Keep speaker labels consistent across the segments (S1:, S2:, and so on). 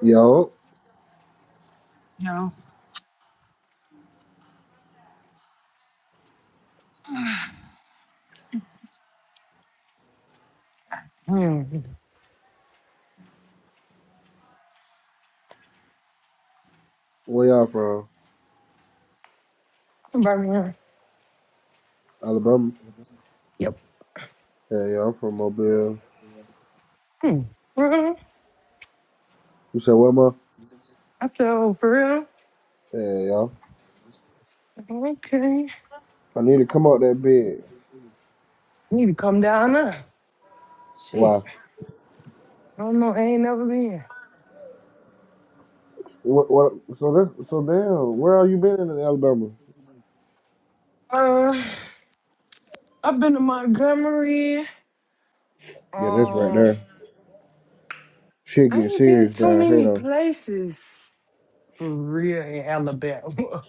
S1: Yo,
S2: Mm.
S1: where y'all from?
S2: Environment.
S1: Alabama.
S2: Yep.
S1: Hey, y'all from Mobile.
S2: Hmm. Well,
S1: You said where, ma?
S2: I feel for real.
S1: Hey, y'all.
S2: Okay. I
S1: I need to come out that bed.
S2: need to come down there. Shit.
S1: Why?
S2: I don't know. I ain't never been.
S1: What? what so that's so damn. Where are you been in Alabama?
S2: Uh, I've been to Montgomery.
S1: Yeah, that's right
S2: Uh,
S1: there. Shit
S2: I
S1: getting
S2: ain't been
S1: serious
S2: too
S1: down here
S2: many
S1: though.
S2: places for real in Alabama.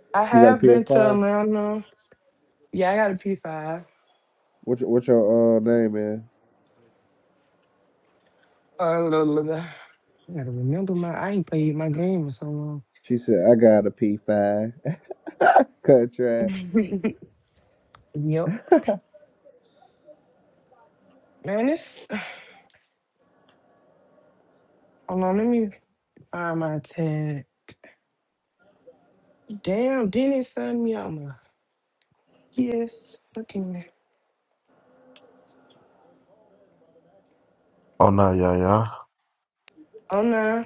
S2: I
S1: You got a
S2: have
S1: P S
S2: been to
S1: 5
S2: Atlanta. Yeah, I got a P5.
S1: What's your, what's your uh name, man?
S2: Uh, la, la, la. I gotta remember my. I ain't played my game in so long.
S1: She said I got a P5. Cut track.
S2: yep. Man, it's. Hold on. Let me. I'm out to damn Dennis signed me out my yes fucking
S3: Oh no, yeah, yeah.
S2: oh no.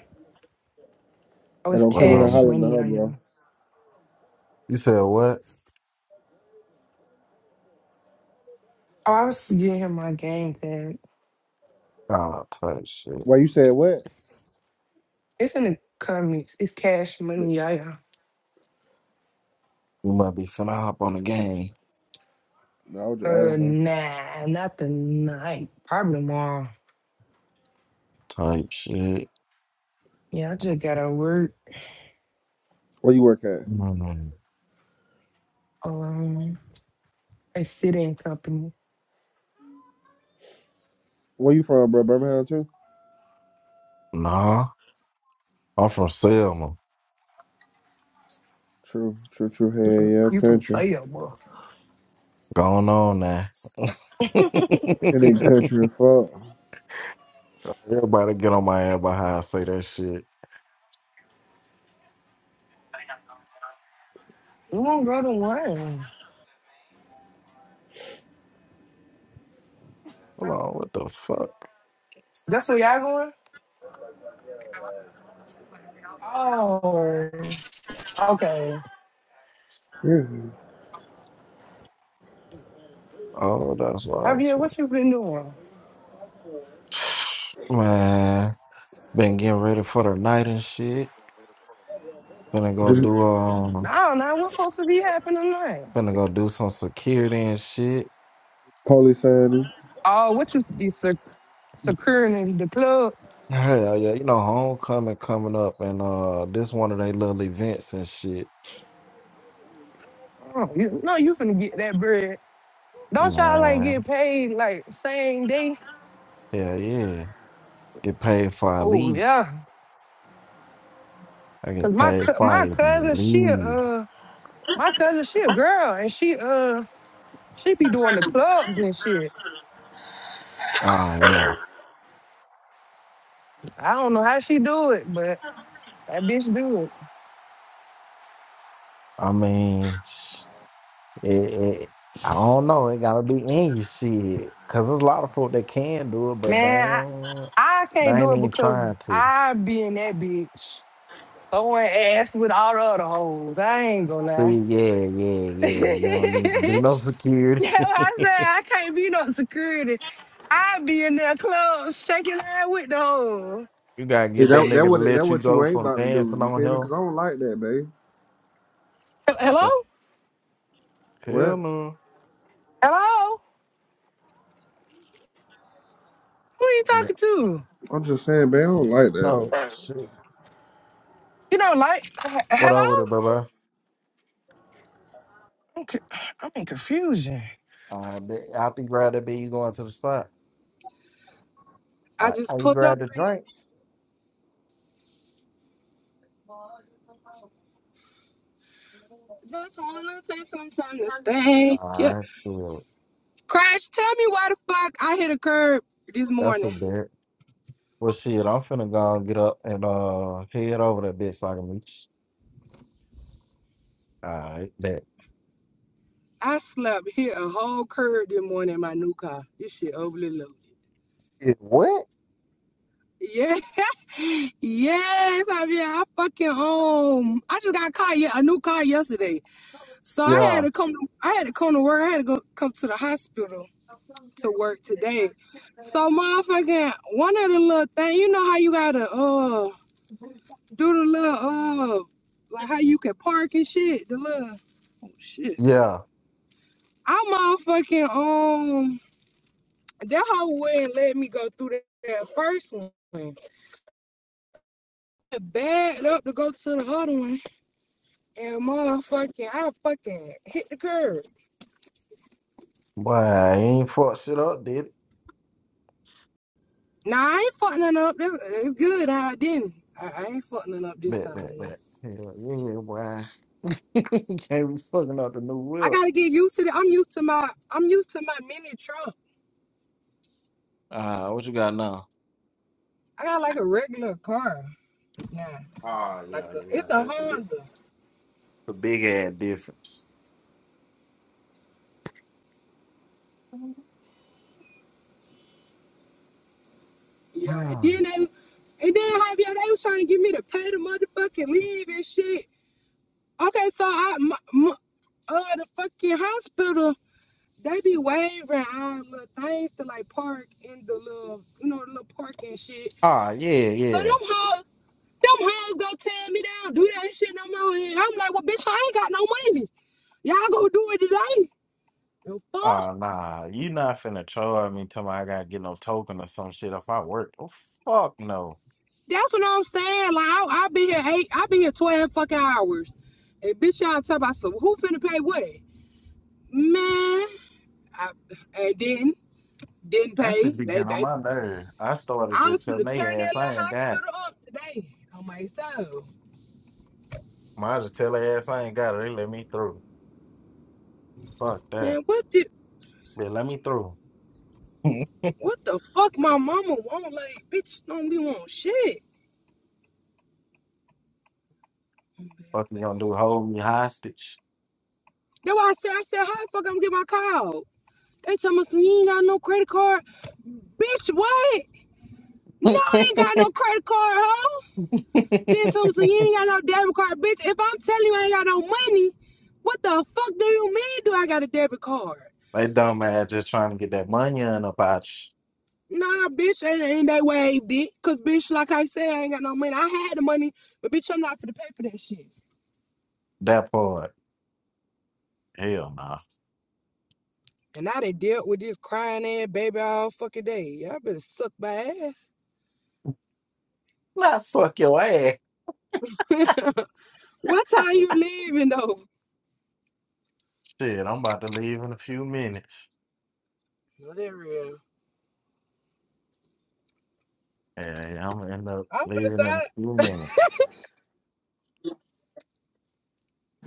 S2: oh
S1: And
S2: it's
S1: don't
S3: What I
S1: come in here
S2: cash
S3: was-
S1: hollering at
S2: money,
S1: her,
S2: y'all.
S1: bro.
S2: y'all.
S3: you said what?
S2: Oh, I was getting him my game tag.
S3: Ah, type shit.
S1: Why you said what?
S2: It's in the comments. It's cash
S1: But-
S2: money, y'all. y'all.
S3: You might be finna hop on the game.
S1: No, I was just adding
S2: Uh
S1: her.
S2: nah, not tonight. Probably tomorrow.
S3: Type shit.
S2: Yeah, I just gotta work
S1: Where you work at?
S3: Mm,
S2: alone. A sitting company.
S1: Where you from, bro? Birmingham too?
S3: Nah, I'm from Selma.
S1: True, true, true.
S2: You from
S1: Hey, yeah,
S2: you from
S1: country.
S2: sale, boy.
S3: Going on there.
S1: It ain't country at fault.
S3: Everybody get on my ass by how I say that shit.
S2: We won't go to one.
S3: Hold on, what the fuck?
S2: That's where y'all going? Oh, okay.
S1: Yeah,
S3: Oh, that's why I'm
S2: Javier, what
S3: so-
S2: you been doing?
S3: Man, been getting ready for the night and shit. Finna go
S1: just
S3: do um,
S2: I don't know what's supposed to be happening now.
S3: finna go do some security and shit.
S1: police sign me.
S2: Oh, what you be sec- securing in the club?
S3: Hell yeah, you know, homecoming coming up and uh this one of they little events and shit.
S2: Oh, you, no, you finna get that bread. Don't y'all like
S3: Man.
S2: get paid like same day?
S3: Yeah, yeah. Get paid for a
S2: Oh
S3: leave.
S2: yeah,
S3: I
S2: cause
S3: get
S2: my
S3: paid
S2: cou-
S3: for
S2: my
S3: a
S2: cousin she a,
S3: leave.
S2: uh my cousin she a girl and she uh she be doing the clubs and shit.
S3: Ah yeah.
S2: I don't know how she do it, but that bitch do it.
S3: I mean sh- it, it I don't know, it gotta be in your shit. Cause there's a lot of folk that can do it, but
S2: Man,
S3: they
S2: I
S3: don't
S2: I
S3: they
S2: can't do
S3: ain't
S2: it
S3: even
S2: because
S3: trying to.
S2: I be in that bitch. Throwing ass with all the other hoes. I ain't gonna
S3: See,
S2: lie.
S3: yeah, yeah,
S2: That's
S3: yeah. You don't need to do no security.
S2: why I said I can't be no security. I be in that club shaking ass with the hoes.
S3: You gotta
S1: See
S3: get that
S1: that
S3: nigga
S1: that
S3: to
S1: what that
S3: let you
S1: what you
S3: go
S1: ain't
S3: from
S1: about to do.
S3: dancing
S1: You
S3: on
S1: feel me?
S3: him
S1: Cause I don't like that, babe.
S2: Hel- Hello?
S3: No. Hell
S1: What?
S3: no.
S2: Hello? Who are you
S3: And-
S2: talking to?
S1: I'm just saying, babe. I don't like that.
S3: Oh shit.
S2: You know, like, h-
S3: What up with
S2: hello?
S3: it, bro?
S2: I'm, co- I'm in confusion.
S3: I be, I be glad to be you going to the spot.
S2: I
S3: I I
S2: just
S3: ain't
S2: pulled up
S3: glad to
S2: and
S3: drink.
S2: just wanna take some time to thank you.
S3: I feel
S2: Crash, tell me why the fuck I hit a curb this
S3: that's
S2: morning.
S3: a bit. Well, shit, I'm finna go and get up and uh head over that bitch so I can meet you. All right, bet.
S2: I slept hit a whole curb this morning in my new car. This shit overly loaded.
S3: It, what?
S2: Yeah, yes, I mean I fucking um I just got a car yeah, a new car yesterday. So I had
S3: Yeah,
S2: to come to I had to come to work, I had to go come to the hospital to work today. So motherfucking one of the little thing, you know how you gotta uh do the little uh like how you can park and shit, the little oh shit.
S3: yeah.
S2: I motherfucking um, That whole wouldn't let me go through that, that first one. I bagged up to go to the other one, and motherfucking, I fucking hit the curb.
S3: Boy, I ain't fuck shit up, did it?
S2: Nah, I ain't fucking nothing up. It's good. I didn't. I, I ain't fucking nothing up this
S3: Bet,
S2: time.
S3: bet,
S2: No.
S3: bet. Hell yeah, boy. Can't be fucking up the new
S2: I
S3: whip.
S2: gotta get used to it. I'm used to my. I'm used to my mini truck.
S3: Ah, what you got now?
S2: I got like a regular car now.
S3: Ah,
S2: Like
S3: yeah,
S2: a,
S3: yeah, yeah.
S2: it's a
S3: That's a big,
S2: Honda.
S3: a big ass difference.
S2: Yeah. And
S3: Hmm.
S2: then they. And then Javier, they was trying to get me to pay the motherfucking leave and shit. Okay, so I, my, my, uh, the fucking hospital, they be wavering on little things to like park in the little, you know, the little parking shit.
S3: Ah, yeah,
S2: So them
S3: yeah.
S2: hoes, them hoes gonna tell me they don't do that shit no more. And I'm like, well, bitch, I ain't got no money. Y'all gonna do it today? The fuck?
S3: Ah, nah, you not finna troll at me. Tell me I gotta get no token or some shit if I work. Oh fuck no.
S2: That's what I'm saying. Like, I, I been here eight, I been here twelve fucking hours, and bitch, y'all talk about so who finna pay what? Man, I, and then didn't
S3: That
S2: pay.
S3: should be
S2: They
S3: getting on
S2: they
S3: my nerve. I started
S2: I
S3: just
S2: was
S3: telling
S2: finna
S3: they
S2: turn that
S3: ass
S2: little
S3: I ain't got. it.
S2: hospital up today on myself.
S3: Might as well tell their ass I ain't got it. They let me through. Fuck that.
S2: Man, what did
S3: They let me through.
S2: what the fuck my mama want? Like, bitch don't be want shit.
S3: Fuck you gonna do? Hold me hostage?
S2: That's why I said I said, how the fuck I'm gonna get my card? They tell me some you ain't got no credit card. Bitch, what? No, I ain't got no credit card, hoe. Then tell me some you ain't got no debit card, bitch. If I'm telling you I ain't got no money, what the fuck do you mean do I got a debit card?
S3: They dumb ass just trying to get that money in about you.
S2: Nah, bitch, ain't, ain't that way, bitch. Cause bitch, like I said, I ain't got no money. I had the money, but bitch, I'm not for to pay for that shit.
S3: That part. Hell nah.
S2: And now they dealt with this crying ass baby all fucking day. Y'all better suck my ass.
S3: Not fuck your ass.
S2: what time you leaving though?
S3: Shit, I'm about to leave in a few minutes.
S2: No, that real.
S3: Yeah, yeah, I'm gonna end up
S2: I'm finna
S3: leaving
S2: say,
S3: in a few minutes.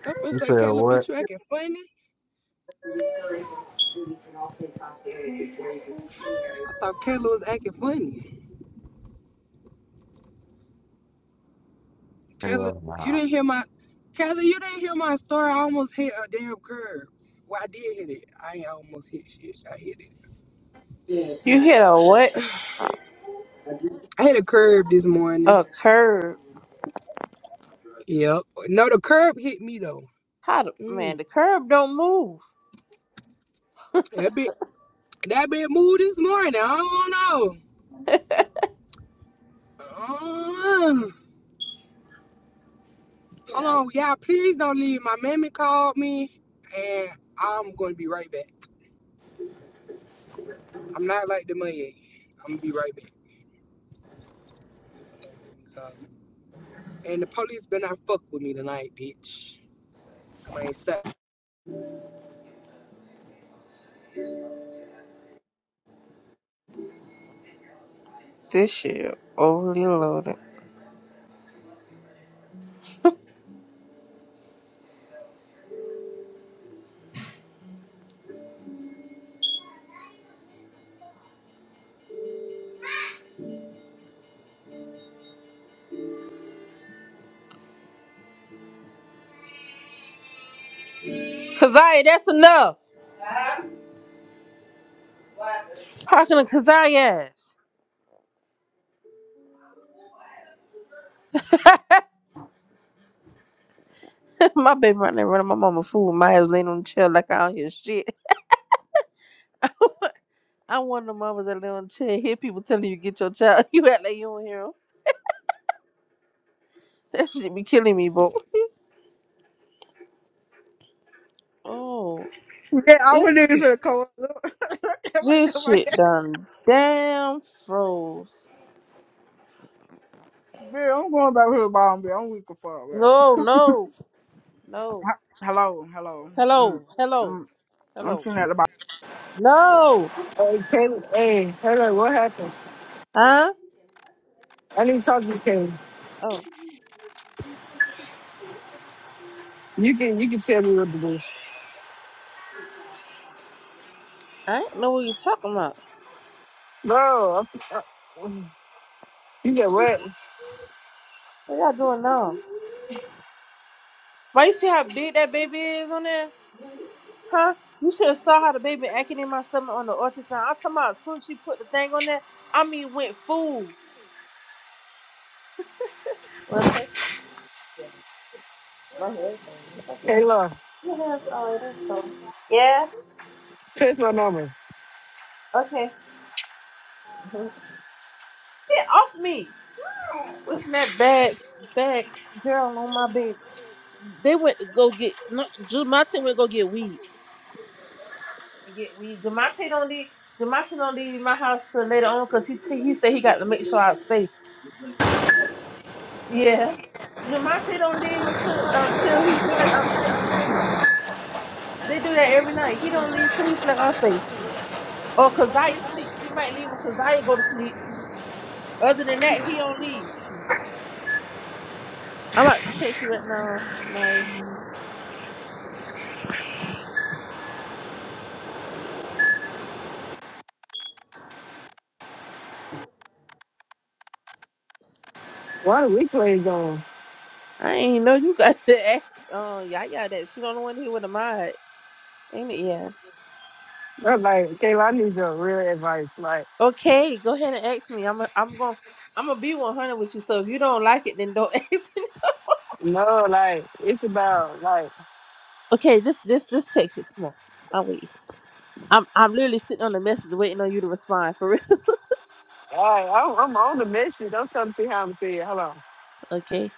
S2: I'm finna
S3: You
S2: say,
S3: said
S2: Kayla,
S3: what?
S2: bitch, you acting funny. I thought Kayla was acting funny. Kayla,
S3: Hell
S2: you
S3: nah.
S2: didn't hear my, Kayla, you didn't hear my story. I almost hit a damn curb. Well, I did hit it. I ain't almost hit shit. I hit it.
S4: You hit a what?
S2: I hit a curb this morning.
S4: A curb.
S2: Yep. No, the curb hit me though.
S4: How the
S2: Mm,
S4: man? The curb don't move.
S2: that bit, that bit moved this morning. I don't know. Uh, hold on, y'all. Please don't leave. My mammy called me, and I'm gonna be right back. I'm not like the money. i I'm gonna be right back. And the police better not fuck with me tonight, bitch. I'm ain't set.
S4: This shit overly loaded. Kazaya, that's enough. Parking a Kazaya ass. my baby right there running my mama fool. My ass laying on the chair like I don't hear shit. I'm one of the mamas that lay on the chair hear people telling you get your child. You act like you don't hear 'em. That shit be killing me, boy. oh,
S5: Yeah, I
S4: this
S5: was looking
S4: shit,
S5: for the co
S4: this shit done damn froze.
S5: Bill, I'm going back to the bottom, Bill. I'm weak as fuck, Bill.
S4: No, no, no.
S5: H- Hello, hello. Mm,
S4: Hello, hello,
S5: mm. I'm
S4: hello.
S5: sitting at the
S4: No,
S6: Hey, Caleb, hey, hello, what happened?
S4: huh?
S6: I need to talk to you, Caleb.
S4: Oh,
S6: You can you can tell me what to do.
S4: I ain't know what you talking about.
S6: Bro, I- I- you get what?
S4: What y'all doing now? Why you see how big that baby is on there? Huh? You should have saw how the baby acting in my stomach on the ultrasound. I'm talking about as soon as she put the thing on there, I mean went full. My hair's done. It's okay.
S6: Kayla,
S4: Your hair's all right, it's cool. Yeah.
S6: text my number.
S4: Okay. Mhm. Get off me! What's that bad, bad girl on my baby? They went to go get. no, Drew Martin went to go get weed. and get weed. Demonte don't leave. Demonte don't leave my house till later on because he t- he said he got to make sure I'm safe. Yeah. Demonte don't leave until until he feel like I'm safe. They do that every night. He don't leave till he feel like I'm safe. Or Kaziah sleep. He might leave when Kaziah go to sleep. Other than that, he don't leave. I'm about to text you right now, Maya.
S6: Why the replays on?
S4: I ain't know you got to ask. Um, Yaya that she don't want to hear with the mod. Ain't it? Yeah.
S6: I was like, Kayla, I need your real advice. Like,
S4: Okay, go ahead and ask me. I'm a, I'm going I'm gonna be 100 with you. So if you don't like it, then don't ask me.
S6: no, like, it's about, like,
S4: Okay, this this this text it. Come on, I'll wait. I'm I'm literally sitting on the message waiting on you to respond for real.
S6: all right, I'm, I'm on the message. I'm trying to see how I'm seeing it. Hold on.
S4: Okay.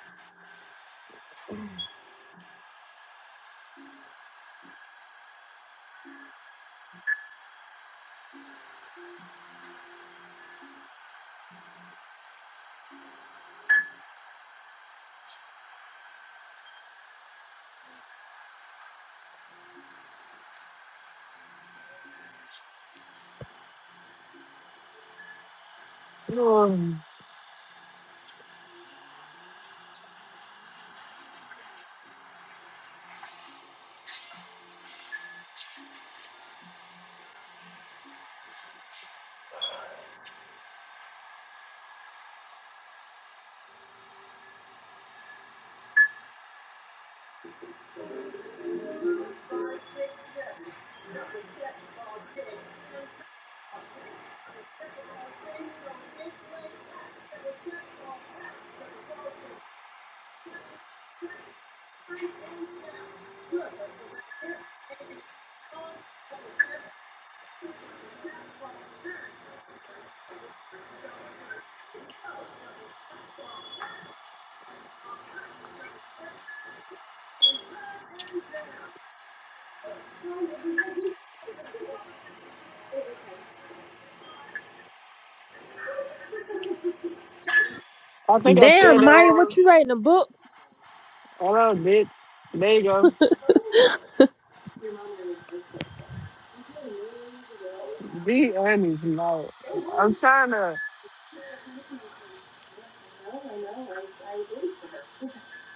S6: Um, I think I spelled
S4: Damn,
S6: that
S4: Maya, what
S6: wrong.
S4: you writing a book?
S6: Hold on, bitch. There you go. Be honest, like, I'm trying to.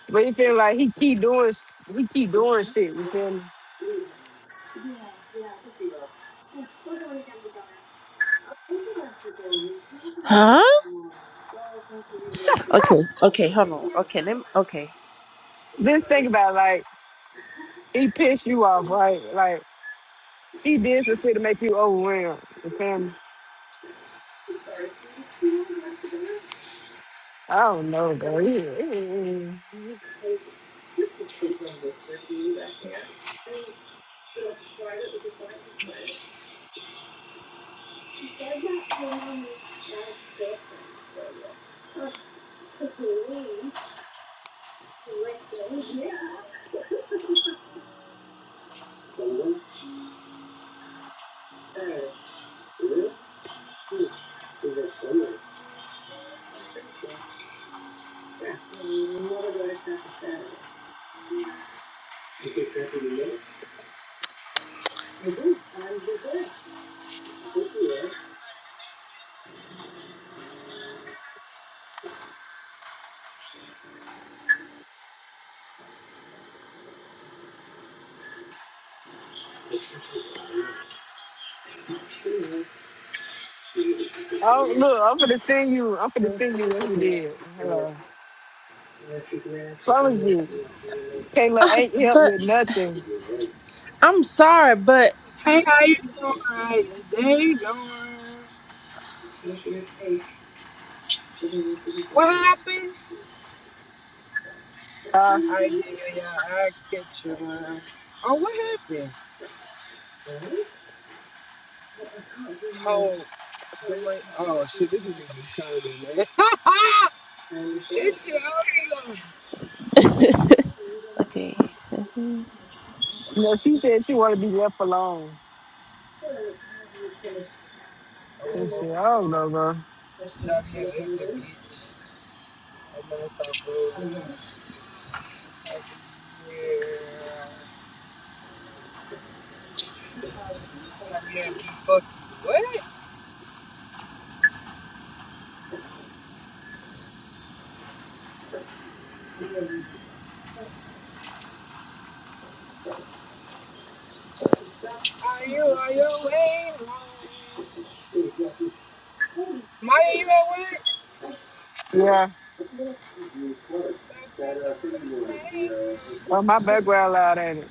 S6: But you feel like he keep doing s- he keep doing shit, you feel me?
S4: Huh? Okay, okay, hold on. Okay, let me. Okay.
S6: Just think about it, like he pissed you off, right? Like he did some shit to make you overwhelmed, you feel me? I don't know, bro. Yeah, yeah. Oh look, I'm gonna send you I'm gonna send you what he did. Hello. Promise you. Kayla
S4: Uh,
S6: ain't helped
S4: but
S6: with nothing.
S4: I'm sorry, but
S2: Hey, how you doing? How your day going? What happened?
S6: Uh
S2: I did. Yeah, I catch you, man. Oh, what happened? Oh, The mic. Oh shit, this nigga be coming, man. This shit I'm all been
S4: okay.
S6: you know, she said she wanna be left alone.
S2: on.
S6: And
S2: Um,
S6: shit, I don't know, bro.
S2: okay, okay. Xavier ugly bitch. A man stop bro. Javier. Javier D fuck you. What? Are you on your way home? Maya, you at work?
S6: Yeah.
S2: Breakfast on the
S6: Oh my
S2: table.
S6: background loud ain't it.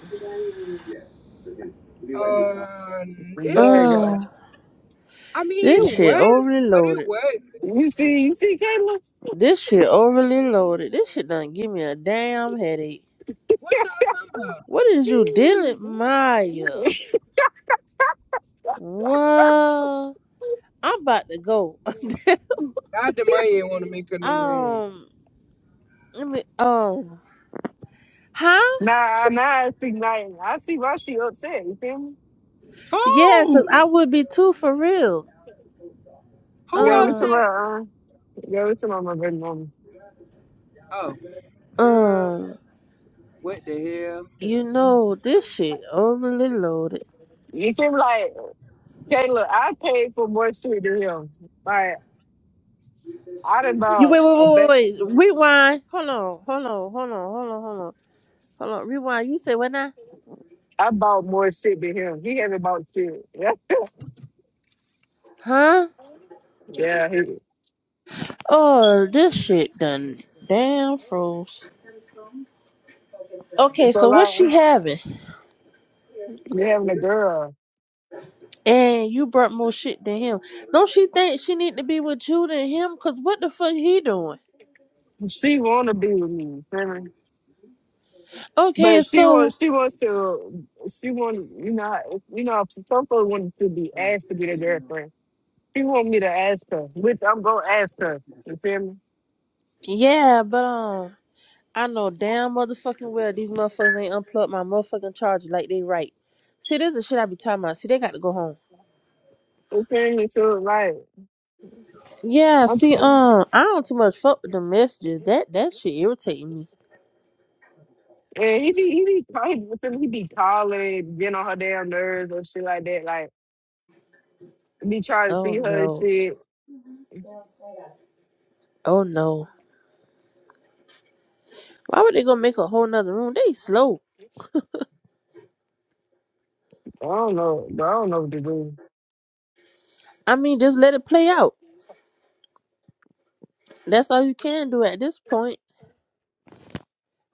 S2: Um, it
S6: There you
S2: was.
S6: go.
S4: Um,
S2: I mean,
S4: this
S2: it
S6: No.
S4: shit
S2: was,
S4: overly
S2: but it
S4: loaded.
S2: was.
S6: You see, you see Kayla?
S4: This shit overly loaded. This shit done give me a damn headache.
S2: What y'all talking about?
S4: What is you dealing, Maya? What? I'm about to go.
S2: I demand want to make a new room.
S4: Um, let me. Um, huh?
S6: Nah, nah, I think like I see why she upset. You feel me?
S4: Yeah, cause
S2: Who?
S4: I would be too for real.
S2: Who
S6: Yeah, we to
S2: upset?
S4: Um,
S6: my uh, yeah, we to my my baby mama.
S2: Oh, girl,
S4: um,
S2: what the hell?
S4: you know this shit overly loaded.
S6: You seem like Kayla. I paid for more shit than him. Like I done
S4: You wait,
S6: bought
S4: wait,
S6: a
S4: wait,
S6: bag.
S4: wait, wait. Rewind. Hold on, hold on, hold on, hold on, hold on, hold on. Rewind. You say what now?
S6: I bought more shit than him. He haven't bought shit.
S4: Huh?
S6: Yeah. Yeah.
S4: Oh, this
S6: He,
S4: shit done damn froze. Okay,
S6: so
S4: so what
S6: like
S4: she having?
S6: you having a girl.
S4: And you brought more shit than him. Don't she think she need to be with Judah and him? Cause what the fuck he doing?
S6: She wanna be with me, feel me? But
S4: Okay,
S6: she
S4: so
S6: wants she wants to she want you know you know some folks want to be asked to be their girlfriend. She want me to ask her, which I'm gonna ask her. You feel me?
S4: yeah, but um, I know damn motherfucking well these motherfuckers ain't unplugged my motherfucking charger like they right. See, this is the shit I be talking about. See, they got to go home.
S6: You feel me? So like.
S4: Yeah, see,
S6: Absolutely.
S4: um, I don't too much fuck with the messages. That that shit irritating me.
S6: Yeah, he be he be kind with him. He be calling, getting on her damn nerves and shit like that. Like be trying to
S4: Oh
S6: see her and
S4: no,
S6: shit.
S4: oh no. Why would they gonna make a whole nother room? They slow.
S6: I don't know. I don't know what to do.
S4: I mean, just let it play out. That's all you can do at this point.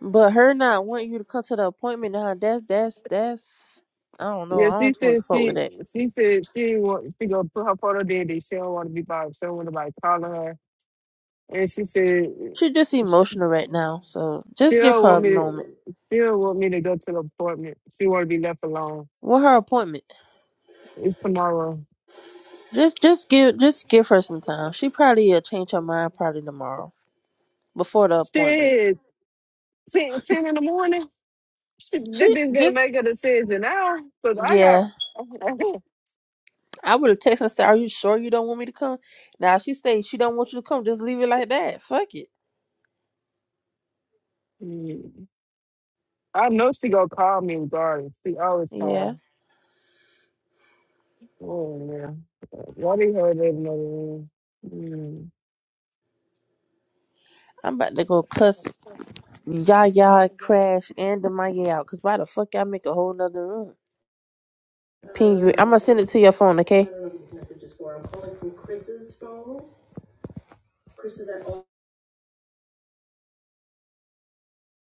S4: But her not wanting you to come to the appointment now, that's that's that's I don't know.
S6: Yeah,
S4: I don't
S6: she
S4: totally
S6: said
S4: fuck with
S6: she
S4: that.
S6: she said she want she gonna put her photo there. That she don't want to be bothered. She don't want nobody calling her. And she said
S4: She just
S6: she
S4: emotional right now, so
S6: she
S4: just give
S6: don't
S4: her a
S6: want me
S4: moment.
S6: to, she don't want me to go to the appointment. She wanna be left alone.
S4: With her appointment,
S6: It's tomorrow.
S4: just just give just give her some time. She probably will change her mind probably tomorrow before the appointment.
S6: Shit, 10 10 in the morning. She, they
S4: She
S6: been gonna
S4: just
S6: make a decision now, cause I
S4: yeah.
S6: got.
S4: I would have texted and said, "Are you sure you don't want me to come?" Now if she say she don't want you to come. Just leave it like that. Fuck it.
S6: Mm. I know she gonna call me regardless. She always
S4: Yeah,
S6: calls. Oh man, why do her live in the room?
S4: I'm about to go cuss Yaya,
S6: Mm.
S4: Crash, and the Demaya out. Cause why the fuck I make a whole nother room? Ping you. I'ma send it to your phone, okay?